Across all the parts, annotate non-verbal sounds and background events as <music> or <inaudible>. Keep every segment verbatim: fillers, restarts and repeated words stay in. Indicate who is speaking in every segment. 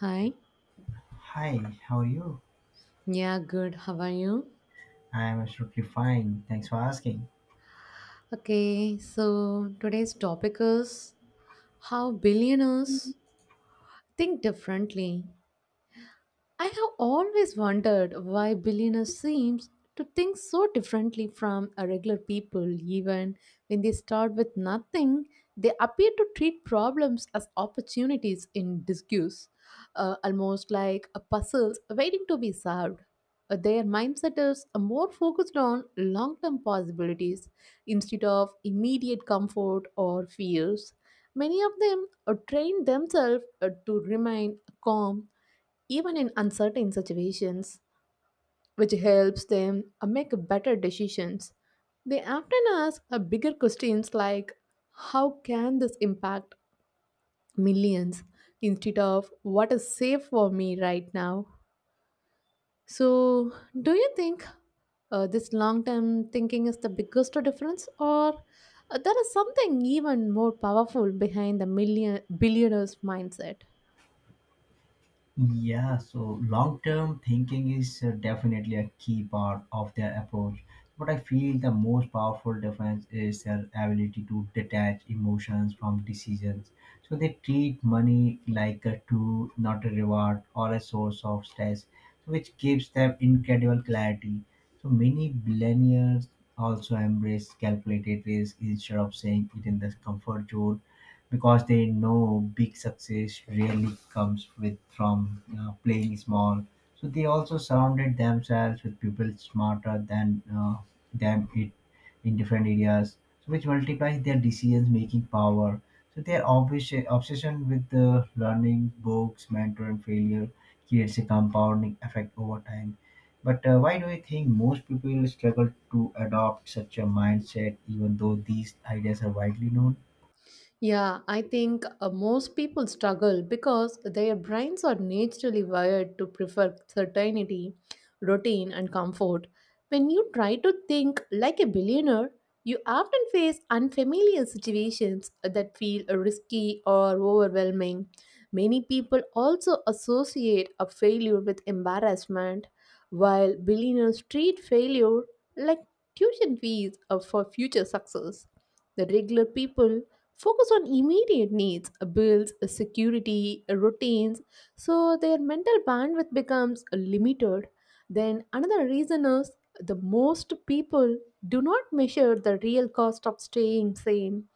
Speaker 1: Hi.
Speaker 2: Hi, how are you?
Speaker 1: Yeah, good. How are you?
Speaker 2: I am absolutely fine. Thanks for asking.
Speaker 1: Okay, so today's topic is how billionaires think differently. I have always wondered why billionaires seem to think so differently from a regular people. Even when they start with nothing, they appear to treat problems as opportunities in disguise, uh, almost like a puzzles waiting to be solved. Uh, their mindset is more focused on long-term possibilities instead of immediate comfort or fears. Many of them uh, train themselves uh, to remain calm even in uncertain situations, which helps them uh, make better decisions. They often ask uh, bigger questions like how can this impact millions instead of what is safe for me right now? So, do you think uh, this long term thinking is the biggest difference, or uh, there is something even more powerful behind the million billionaires mindset?
Speaker 2: Yeah, so long term thinking is uh, definitely a key part of their approach. But I feel the most powerful difference is their ability to detach emotions from decisions. So they treat money like a tool, not a reward or a source of stress, which gives them incredible clarity. So many billionaires also embrace calculated risk instead of saying it in the comfort zone because they know big success really comes with from you know, playing small. So they also surrounded themselves with people smarter than uh, them it in different areas, so which multiplies their decisions making power. So their obsession obsession with the learning, books, mentor, and failure creates a compounding effect over time. But uh, why do you think most people struggle to adopt such a mindset, even though these ideas are widely known?
Speaker 1: Yeah, I think uh, most people struggle because their brains are naturally wired to prefer certainty, routine, and comfort. When you try to think like a billionaire, you often face unfamiliar situations that feel risky or overwhelming. Many people also associate a failure with embarrassment, while billionaires treat failure like tuition fees uh, for future success. The regular people focus on immediate needs, uh, bills, uh, security, uh, routines, so their mental bandwidth becomes uh, limited. Then, another reason is the most people do not measure the real cost of staying sane,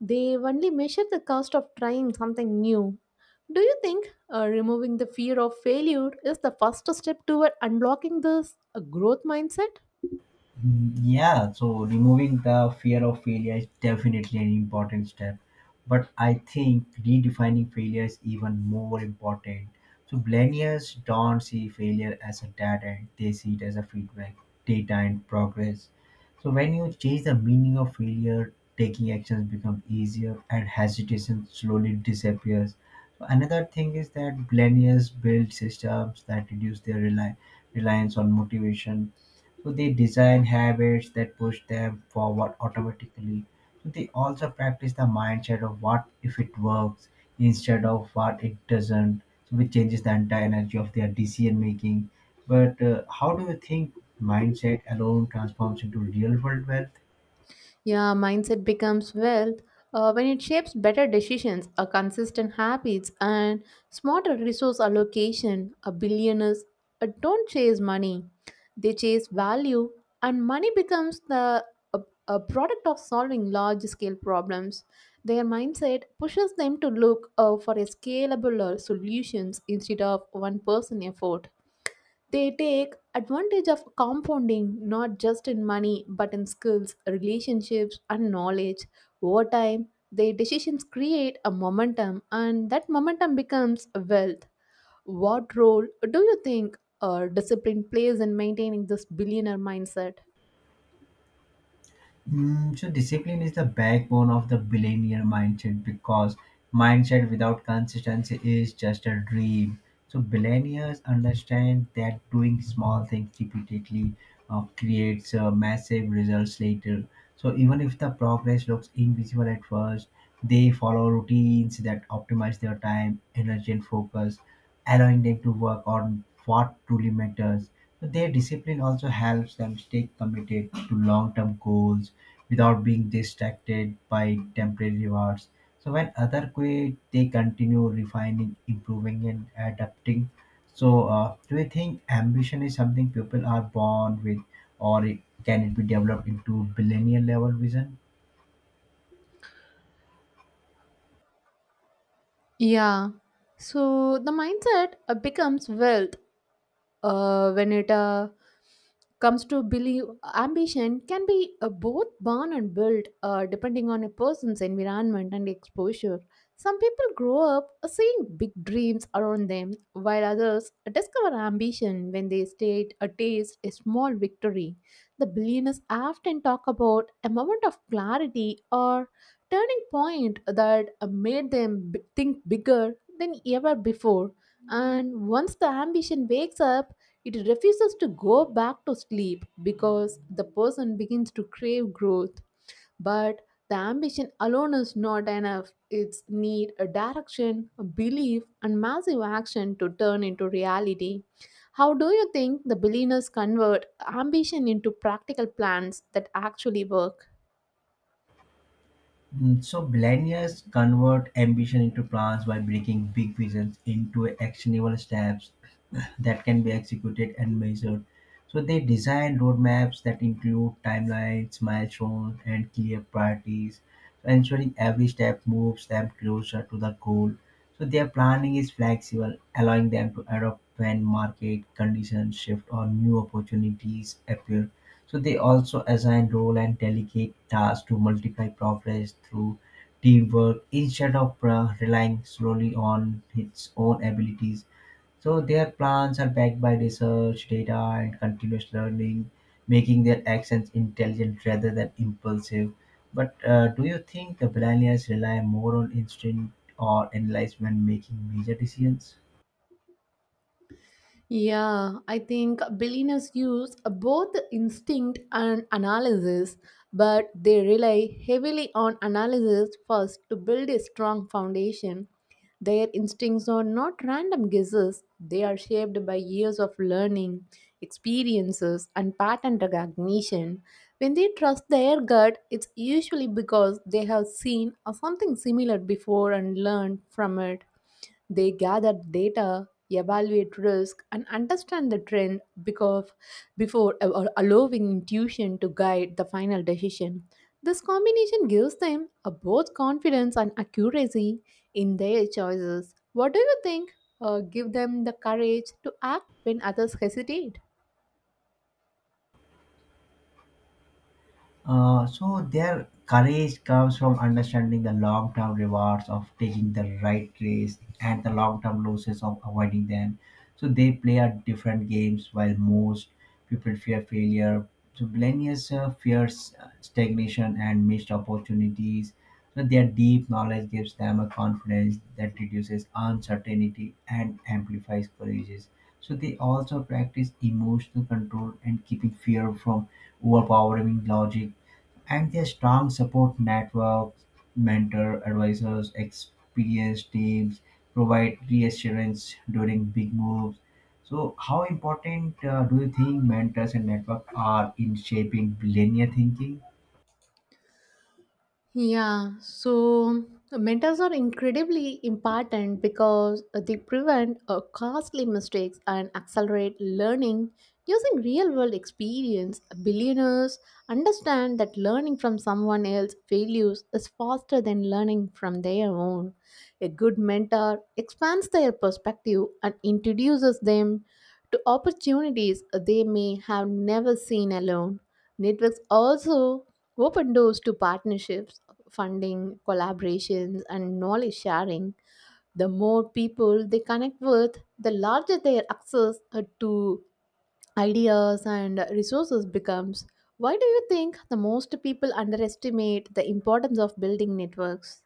Speaker 1: they only measure the cost of trying something new. Do you think uh, removing the fear of failure is the first step toward unblocking this uh, growth mindset?
Speaker 2: Mm, yeah, so removing the fear of failure is definitely an important step, but I think redefining failure is even more important. So millennials don't see failure as a dead end, they see it as a feedback, data, and progress. So, when you change the meaning of failure, taking actions becomes easier and hesitation slowly disappears. So, another thing is that millennials build systems that reduce their rely reliance on motivation, so they design habits that push them forward automatically. So they also practice the mindset of what if it works instead of what it doesn't, so which changes the entire energy of their decision making. But uh, how do you think mindset alone transforms into real world wealth?
Speaker 1: Yeah, mindset becomes wealth uh, when it shapes better decisions, a consistent habits, and smarter resource allocation. A billionaires uh, don't chase money; they chase value, and money becomes the a, a product of solving large-scale problems. Their mindset pushes them to look uh, for a scalable uh, solutions instead of one-person effort. They take advantage of compounding not just in money but in skills, relationships, and knowledge. Over time, their decisions create a momentum, and that momentum becomes wealth. What role do you think uh, discipline plays in maintaining this billionaire mindset?
Speaker 2: Mm, so discipline is the backbone of the billionaire mindset because mindset without consistency is just a dream. So billionaires understand that doing small things repeatedly uh, creates uh, massive results later. So even if the progress looks invisible at first, they follow routines that optimize their time, energy, and focus, allowing them to work on what truly matters. So their discipline also helps them stay committed to long term goals without being distracted by temporary rewards. So when other quit, they continue refining, improving, and adapting. So, uh, do you think ambition is something people are born with, or it, can it be developed into millennial level vision?
Speaker 1: Yeah. So the mindset uh, becomes wealth uh, when it uh, comes to believe ambition can be uh, both born and built uh, depending on a person's environment and exposure. Some people grow up uh, seeing big dreams around them while others discover ambition when they state a taste a small victory. The billionaires often talk about a moment of clarity or turning point that uh, made them b- think bigger than ever before, and once the ambition wakes up, it refuses to go back to sleep because the person begins to crave growth. But the ambition alone is not enough. It's need a direction, a belief, and massive action to turn into reality. How do you think the billionaires convert ambition into practical plans that actually work?
Speaker 2: Mm, so millennials convert ambition into plans by breaking big visions into actionable steps <clears throat> that can be executed and measured. So they design roadmaps that include timelines, milestones, and clear priorities, ensuring every step moves them closer to the goal. So their planning is flexible, allowing them to adapt when market conditions shift or new opportunities appear. So they also assign role and delegate tasks to multiply progress through teamwork instead of uh, relying solely on its own abilities. So their plans are backed by research, data, and continuous learning, making their actions intelligent rather than impulsive. But uh, do you think the millennials rely more on instinct or analyze when making major decisions?
Speaker 1: Yeah, I think billionaires use both instinct and analysis, but they rely heavily on analysis first to build a strong foundation. Their instincts are not random guesses, they are shaped by years of learning, experiences, and pattern recognition. When they trust their gut, it's usually because they have seen or something similar before and learned from it. They gather data, evaluate risk, and understand the trend because before a- a- allowing intuition to guide the final decision. This combination gives them a both confidence and accuracy in their choices. What do you think uh, give them the courage to act when others hesitate?
Speaker 2: Uh, so their courage comes from understanding the long-term rewards of taking the right risk and the long-term losses of avoiding them. So they play at different games while most people fear failure. So millennials uh, fears uh, stagnation and missed opportunities. So their deep knowledge gives them a confidence that reduces uncertainty and amplifies courage. So they also practice emotional control and keeping fear from overpowering logic. And their strong support networks, mentor, advisors, experienced teams provide reassurance during big moves. So, how important uh, do you think mentors and network are in shaping linear thinking?
Speaker 1: Yeah, so uh, mentors are incredibly important because uh, they prevent uh, costly mistakes and accelerate learning using real world experience. Billionaires understand that learning from someone else's failures is faster than learning from their own. A good mentor expands their perspective and introduces them to opportunities they may have never seen alone. Networks also open doors to partnerships funding, collaborations, and knowledge sharing, the more people they connect with, the larger their access uh, to ideas and resources becomes. Why do you think the most people underestimate the importance of building networks?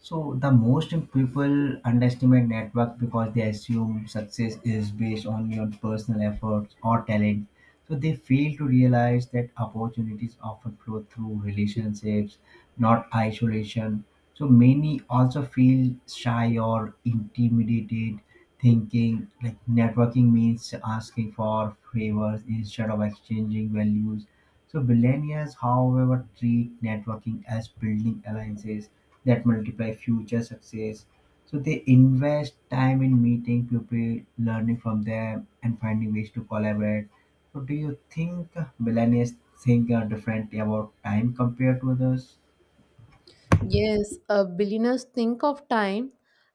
Speaker 2: So the most people underestimate network because they assume success is based on your personal efforts or talent. So they fail to realize that opportunities often flow through relationships, not isolation. So many also feel shy or intimidated, thinking like networking means asking for favors instead of exchanging values. So billionaires, however, treat networking as building alliances that multiply future success. So they invest time in meeting people, learning from them, and finding ways to collaborate. So do you think billionaires think uh, differently about time compared to others?
Speaker 1: Yes, uh, billionaires think of time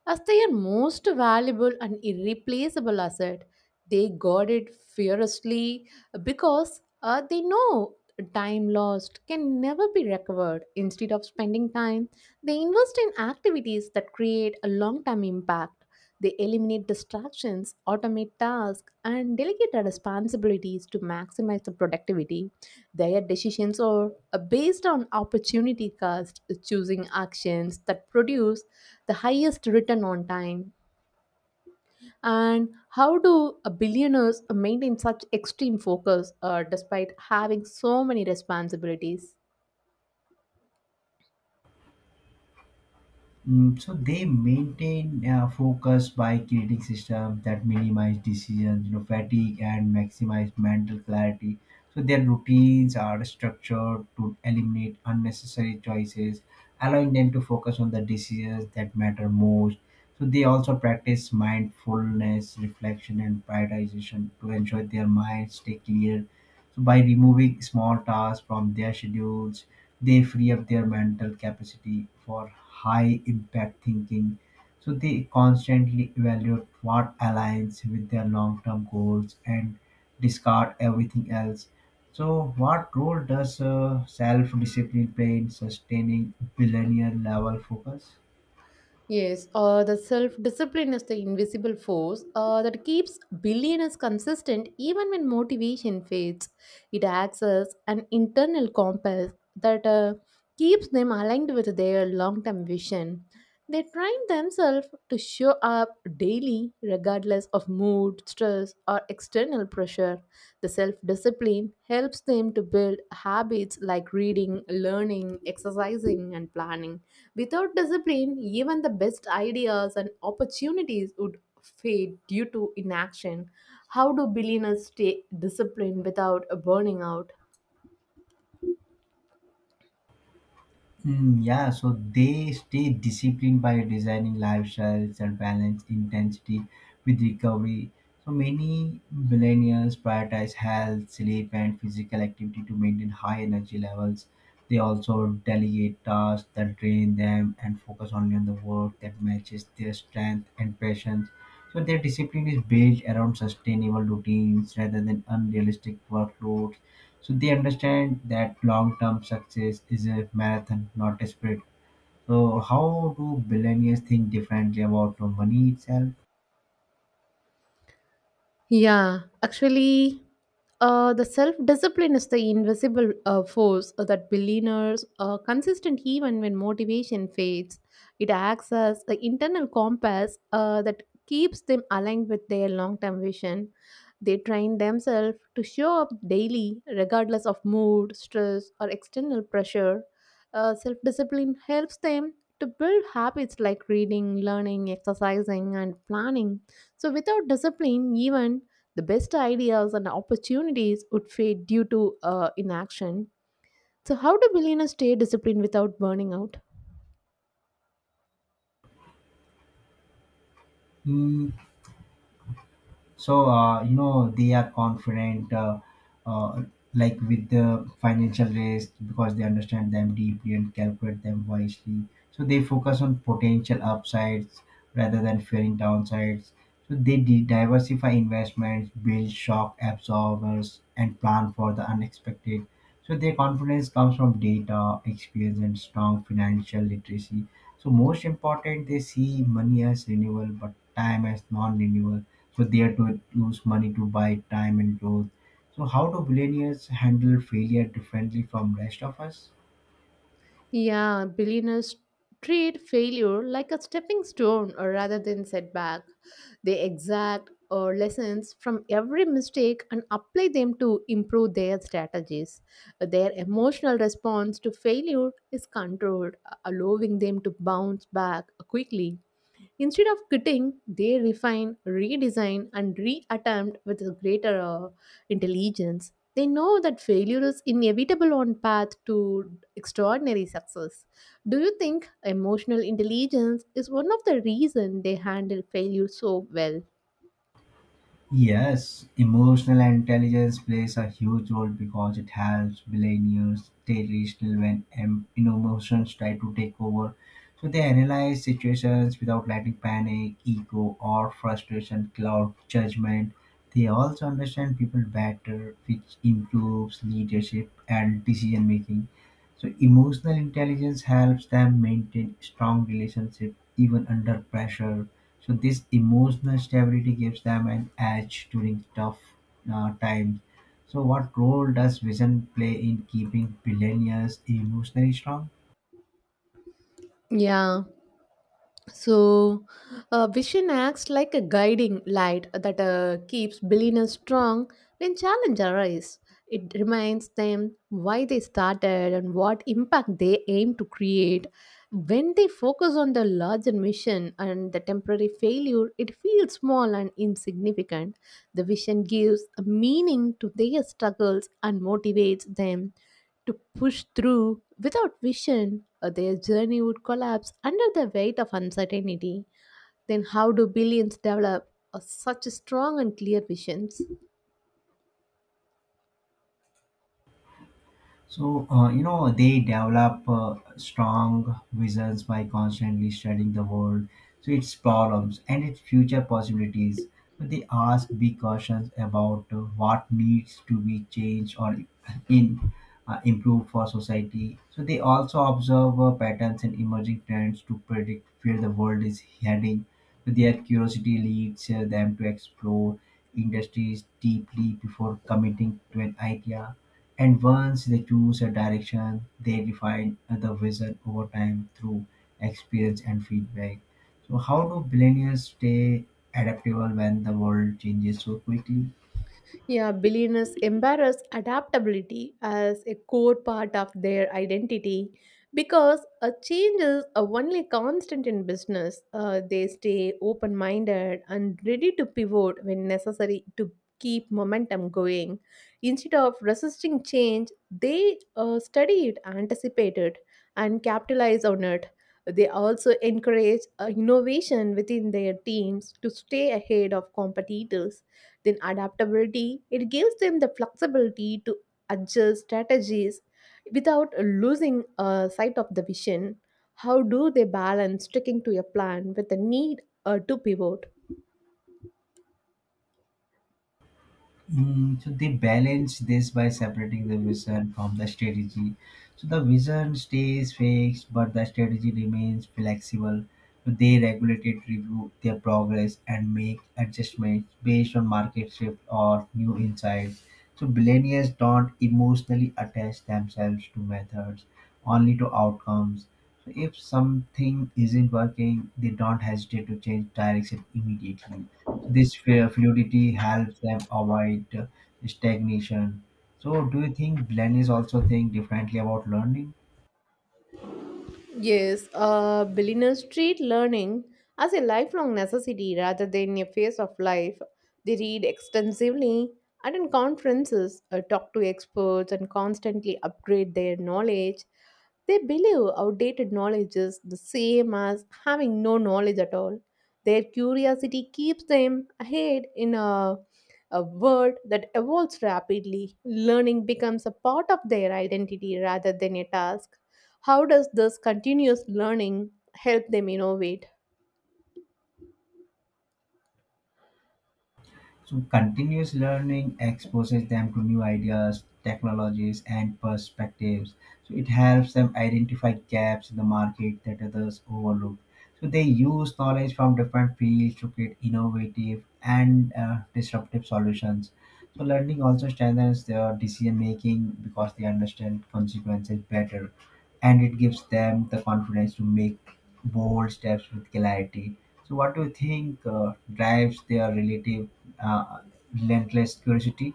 Speaker 1: as their most valuable and irreplaceable asset. They guard it fiercely because uh, they know time lost can never be recovered. Instead of spending time, they invest in activities that create a long term impact. They eliminate distractions, automate tasks, and delegate our responsibilities to maximize the productivity. Their decisions are uh, based on opportunity cost, choosing actions that produce the highest return on time. And how do uh, billionaires maintain such extreme focus uh, despite having so many responsibilities?
Speaker 2: Mm, so they maintain uh, focus by creating systems that minimize decisions, you know, fatigue and maximize mental clarity. So their routines are structured to eliminate unnecessary choices, allowing them to focus on the decisions that matter most. So they also practice mindfulness, reflection, and prioritization to ensure their minds stay clear. So by removing small tasks from their schedules, they free up their mental capacity for high impact thinking. So they constantly evaluate what aligns with their long term goals and discard everything else. So what role does uh, self discipline play in sustaining billionaire level focus?
Speaker 1: Yes, uh, the self discipline is the invisible force uh, that keeps billionaires consistent even when motivation fades. It acts as an internal compass that uh, keeps them aligned with their long term vision. They train themselves to show up daily, regardless of mood, stress, or external pressure. The self discipline helps them to build habits like reading, learning, exercising, and planning. Without discipline, even the best ideas and opportunities would fade due to inaction. How do billionaires stay disciplined without burning out?
Speaker 2: Mm, yeah, so they stay disciplined by designing lifestyles that balance intensity with recovery. So many millennials prioritize health, sleep, and physical activity to maintain high energy levels. They also delegate tasks that drain them and focus only on the work that matches their strength and passions. So their discipline is built around sustainable routines rather than unrealistic workloads. So they understand that long-term success is a marathon, not a sprint. So how do billionaires think differently about money itself?
Speaker 1: Yeah, actually, uh, the self discipline is the invisible uh, force that billionaires are consistent even when motivation fades. It acts as the internal compass uh, that keeps them aligned with their long term vision. They train themselves to show up daily, regardless of mood, stress, or external pressure. Uh, self discipline helps them to build habits like reading, learning, exercising, and planning. So, without discipline, even the best ideas and opportunities would fade due to uh, inaction. So, how do billionaires stay disciplined without burning out?
Speaker 2: Hmm, so uh, you know they are confident uh, uh, like with the financial risk because they understand them deeply and calculate them wisely, so they focus on potential upsides rather than fearing downsides. So they de- diversify investments, build shock absorbers, and plan for the unexpected. So their confidence comes from data, experience, and strong financial literacy. So most important, they see money as renewal, but time as non-renewal. So they are to use money to buy time and growth. So how do billionaires handle failure differently from rest of us?
Speaker 1: Yeah, billionaires treat failure like a stepping stone or rather than setback. They exact or lessons from every mistake and apply them to improve their strategies. Their emotional response to failure is controlled, allowing them to bounce back quickly. Instead of quitting, they refine, redesign, and reattempt with a greater uh, intelligence. They know that failure is inevitable on path to extraordinary success. Do you think emotional intelligence is one of the reason they handle failure so well?
Speaker 2: Yes, emotional intelligence plays a huge role because it helps billionaires stay rational when em- you know, emotions try to take over. So they analyze situations without letting panic, ego, or frustration cloud judgment. They also understand people better, which improves leadership and decision making. So emotional intelligence helps them maintain strong relationships even under pressure. So this emotional stability gives them an edge during tough uh, times. So what role does vision play in keeping millennials emotionally strong?
Speaker 1: Yeah, so, uh, vision acts like a guiding light that uh, keeps billionaires strong when challenges arise. It reminds them why they started and what impact they aim to create. When they focus on the larger mission and the temporary failure, it feels small and insignificant. The vision gives a meaning to their struggles and motivates them to push through. Without vision, uh, their journey would collapse under the weight of uncertainty. Then, how do billions develop uh, such strong and clear visions?
Speaker 2: So, uh, you know, they develop uh, strong visions by constantly studying the world, so its problems and its future possibilities. But they ask big questions about uh, what needs to be changed or in uh, improved for society. So they also observe uh, patterns and emerging trends to predict where the world is heading. So their curiosity leads uh, them to explore industries deeply before committing to an idea, and once they choose a direction, they refine the vision over time through experience and feedback. So, how do millennials stay adaptable when the world changes so quickly?
Speaker 1: Yeah, billionaires embrace adaptability as a core part of their identity because a change is a only constant in business. Uh, they stay open minded and ready to pivot when necessary to keep momentum going. Instead of resisting change, they uh, study it, anticipate it, and capitalize on it. They also encourage uh, innovation within their teams to stay ahead of competitors, then adaptability, it gives them the flexibility to adjust strategies without losing uh, sight of the vision. How do they balance sticking to a plan with the need uh, to pivot?
Speaker 2: Mm, so they balance this by separating the vision from the strategy. So the vision stays fixed, but the strategy remains flexible. So they regulated review their progress and make adjustments based on market shift or new insights. So millennials don't emotionally attach themselves to methods, only to outcomes. So if something isn't working, they don't hesitate to change direction immediately. This fa- fluidity helps them avoid stagnation. So, do you think learners also think differently about learning?
Speaker 1: Yes, uh, billionaires treat learning as a lifelong necessity rather than a phase of life. They read extensively, attend conferences, uh, talk to experts, and constantly upgrade their knowledge. They believe outdated knowledge is the same as having no knowledge at all. Their curiosity keeps them ahead in a, a world that evolves rapidly. Learning becomes a part of their identity rather than a task. How does this continuous learning help them innovate?
Speaker 2: So, continuous learning exposes them to new ideas, technologies, and perspectives. So, it helps them identify gaps in the market that others overlook. So, they use knowledge from different fields to create innovative and uh, disruptive solutions. So, learning also strengthens their decision making because they understand consequences better, and it gives them the confidence to make bold steps with clarity. So, what do you think uh, drives their relative uh, relentless curiosity?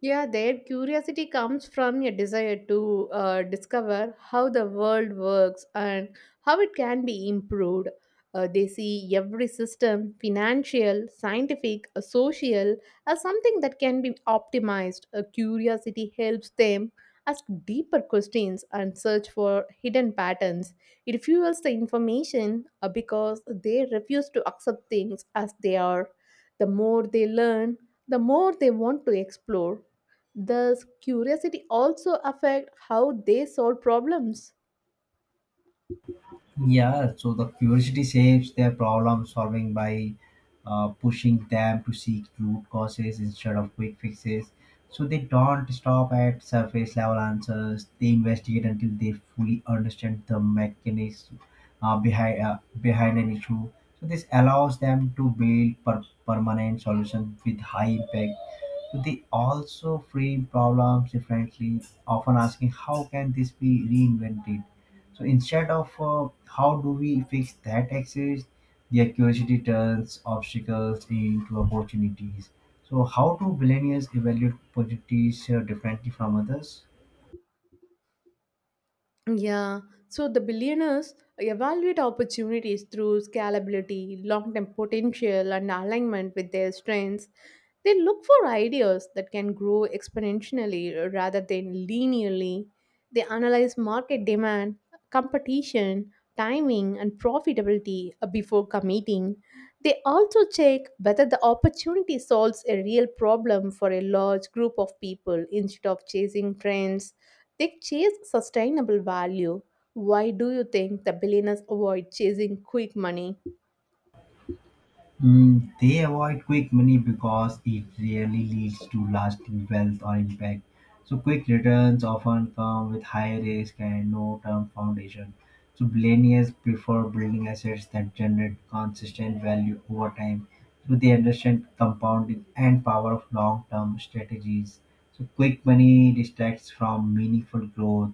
Speaker 1: Yeah, their curiosity comes from a desire to uh, discover how the world works and how it can be improved. Uh, they see every system, financial, scientific, uh, social, as something that can be optimized. Uh, curiosity helps them ask deeper questions and search for hidden patterns. It fuels the information uh, because they refuse to accept things as they are. The more they learn, the more they want to explore. Does curiosity also affect how they solve problems?
Speaker 2: Yeah, so the curiosity shapes their problem solving by uh, pushing them to seek root causes instead of quick fixes. So they don't stop at surface level answers. They investigate until they fully understand the mechanism uh, behind uh, behind an issue. So this allows them to build per- permanent solutions with high impact. They also frame problems differently, often asking how can this be reinvented. So instead of uh, how do we fix that exists, their curiosity turns obstacles into opportunities. So how do millennials evaluate opportunities uh, differently from others?
Speaker 1: Yeah, so the billionaires evaluate opportunities through scalability, long term potential, and alignment with their strengths. They look for ideas that can grow exponentially rather than linearly. They analyze market demand, competition, timing, and profitability uh, before committing. They also check whether the opportunity solves a real problem for a large group of people instead of chasing trends, they chase sustainable value. Why do you think the billionaires avoid chasing quick money?
Speaker 2: Mm, they avoid quick money because it rarely leads to lasting wealth or impact. So, quick returns often come with high risk and no term foundation. So, billionaires prefer building assets that generate consistent value over time. So, they understand compounding and power of long term strategies. So, quick money distracts from meaningful growth.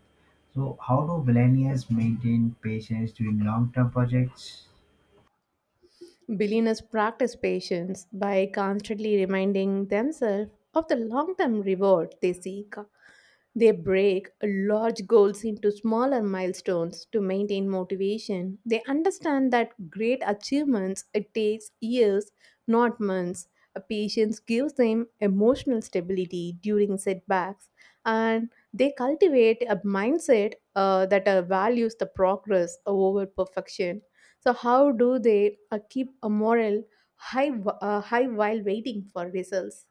Speaker 2: So, how do billionaires maintain patience during long term projects?
Speaker 1: Billionaires practice patience by constantly reminding themselves of the long term reward they seek. They break large goals into smaller milestones to maintain motivation. They understand that great achievements it takes years, not months. A patience gives them emotional stability during setbacks, and they cultivate a mindset uh, that uh, values the progress over perfection. So how do they uh, keep a moral high wh- uh, high while waiting for results?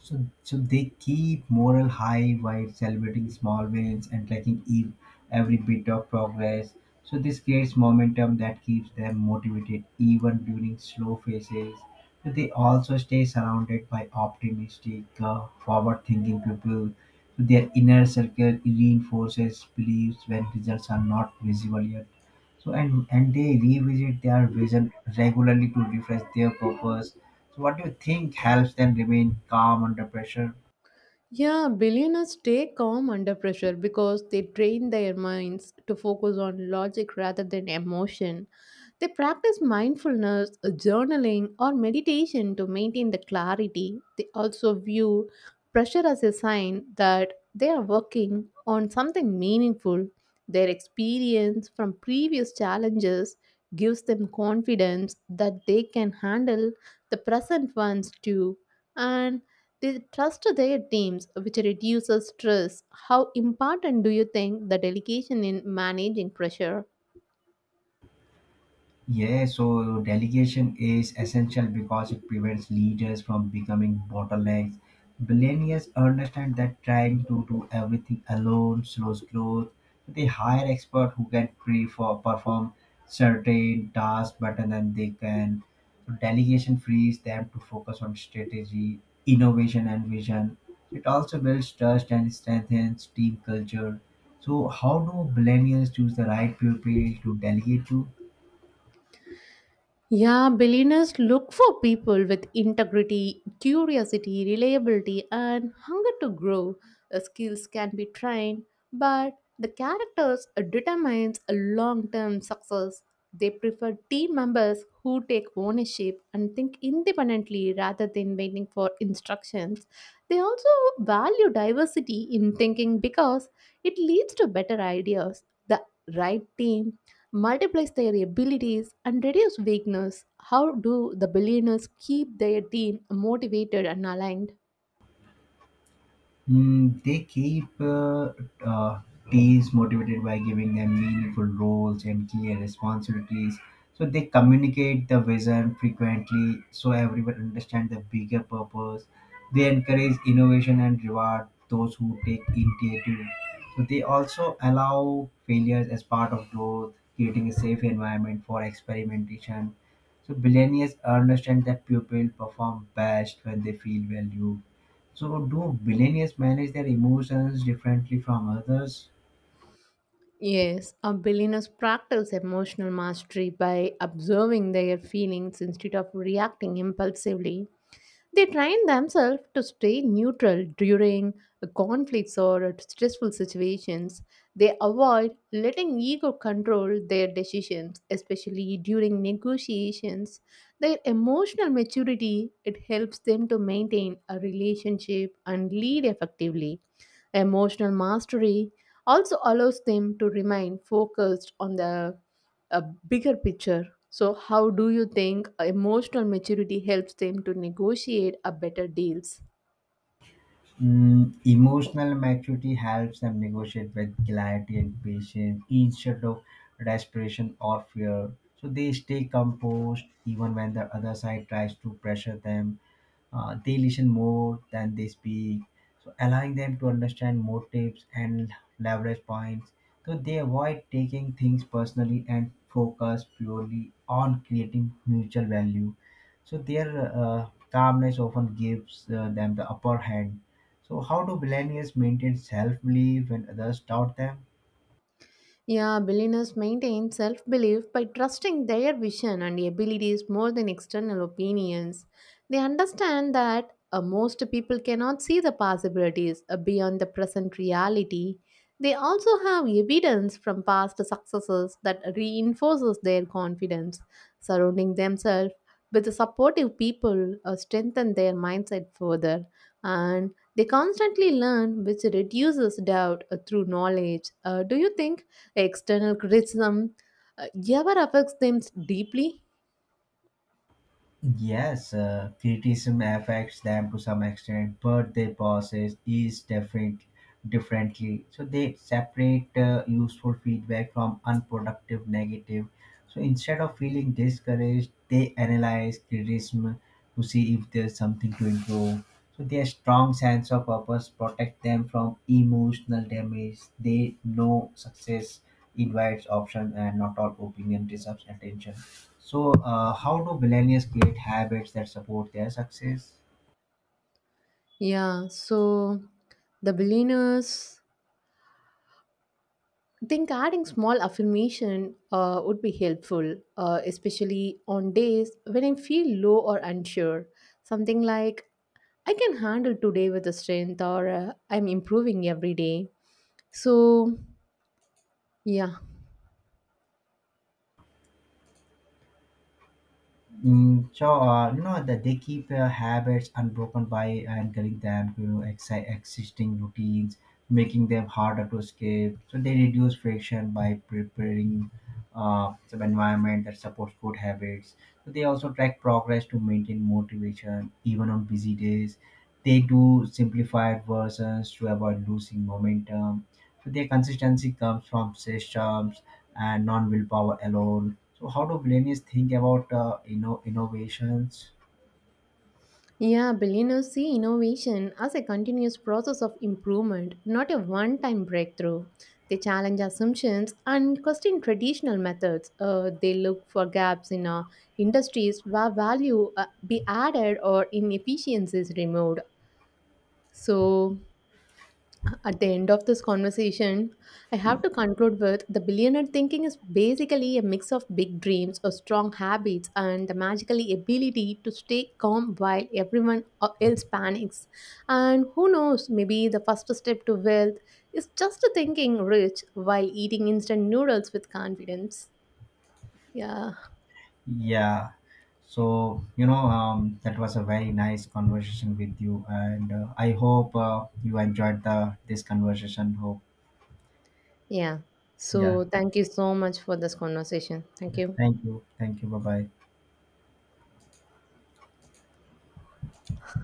Speaker 2: So, so they keep morale high while celebrating small wins and tracking ev- every bit of progress. So this creates momentum that keeps them motivated even during slow phases. So they also stay surrounded by optimistic, uh, forward-thinking people. So their inner circle reinforces beliefs when results are not visible yet. So and and they revisit their vision regularly to refresh their purpose. So what do you think helps them remain calm under pressure?
Speaker 1: Yeah, billionaires stay calm under pressure because they train their minds to focus on logic rather than emotion. They practice mindfulness, journaling, or meditation to maintain the clarity. They also view pressure as a sign that they are working on something meaningful. Their experience from previous challenges gives them confidence that they can handle the present ones too. And they trust their teams, which reduces stress. How important do you think the delegation in managing pressure?
Speaker 2: Yeah, so delegation is essential because it prevents leaders from becoming bottlenecks. Billionaires understand that trying to do everything alone slows growth. They hire experts who can pre for perform certain tasks better than they can. Delegation frees them to focus on strategy, innovation, and vision. It also builds trust and strengthens team culture. So, how do billionaires choose the right people to delegate to?
Speaker 1: Yeah, billionaires look for people with integrity, curiosity, reliability, and hunger to grow. The skills can be trained, but the characters determines a long-term success. They prefer team members who take ownership and think independently rather than waiting for instructions. They also value diversity in thinking because it leads to better ideas. The right team multiplies their abilities and reduce weakness. How do the billionaires keep their team motivated and aligned?
Speaker 2: Mm, they keep uh, uh, teams motivated by giving them meaningful roles and clear responsibilities. So they communicate the vision frequently so everyone understands the bigger purpose. They encourage innovation and reward those who take initiative. So they also allow failures as part of growth, creating a safe environment for experimentation. So billionaires understand that pupils perform best when they feel valued. So do billionaires manage their emotions differently from others?
Speaker 1: Yes, a billionaires practice emotional mastery by observing their feelings instead of reacting impulsively. They train themselves to stay neutral during conflicts or stressful situations. They avoid letting ego control their decisions, especially during negotiations. Their emotional maturity it helps them to maintain a relationship and lead effectively. Emotional mastery also allows them to remain focused on the a bigger picture. So, how do you think emotional maturity helps them to negotiate a better deals?
Speaker 2: Mm, emotional maturity helps them negotiate with clarity and patience instead of desperation or fear. So they stay composed even when the other side tries to pressure them. Uh, they listen more than they speak, so allowing them to understand motives and leverage points. So they avoid taking things personally and focus purely on creating mutual value. So their uh, calmness often gives uh, them the upper hand. So, how do millennials maintain self belief when others doubt them?
Speaker 1: Yeah, billionaires maintain self belief by trusting their vision and abilities more than external opinions. They understand that uh, most people cannot see the possibilities uh, beyond the present reality. They also have evidence from past successes that reinforces their confidence. Surrounding themselves with supportive people uh, strengthen their mindset further. And they constantly learn, which reduces doubt uh, through knowledge. Uh, do you think external criticism uh, ever affects them deeply.
Speaker 2: Yes, uh, criticism affects them to some extent, but they process is different differently. So they separate uh, useful feedback from unproductive negative. So instead of feeling discouraged, they analyze criticism to see if there's something to improve. So their strong sense of purpose protect them from emotional damage. They know success invites option and not all opinion deserves attention. So, uh, how do millennials create habits that support their success?
Speaker 1: Yeah, so the billionaires think adding small affirmation uh, would be helpful, uh, especially on days when I feel low or unsure. Something like, I can handle today with the strength, or uh, I'm improving every day. So, yeah.
Speaker 2: Mm, so uh, you know that they keep uh, habits unbroken by anchoring them to you know, exi- existing routines, making them harder to escape. So they reduce friction by preparing uh, some environment that supports good habits. So they also track progress to maintain motivation even on busy days. They do simplified versions to avoid losing momentum. So their consistency comes from systems and non willpower alone. So how do millennials think about uh, you know innovations?
Speaker 1: Yeah, billionaires see innovation as a continuous process of improvement, not a one time breakthrough. They challenge assumptions and question traditional methods. Uh, they look for gaps in uh, industries where value uh, be added or inefficiencies removed. So, at the end of this conversation, I have to conclude with the billionaire thinking is basically a mix of big dreams or strong habits and the magically ability to stay calm while everyone else panics. And who knows, maybe the first step to wealth is just thinking rich while eating instant noodles with confidence. Yeah.
Speaker 2: Yeah. So you know um, that was a very nice conversation with you, and uh, I hope uh, you enjoyed the this conversation. Hope
Speaker 1: Yeah.
Speaker 2: yeah.
Speaker 1: So thank you so much for this conversation. Thank you.
Speaker 2: Thank you. Thank you. Bye bye.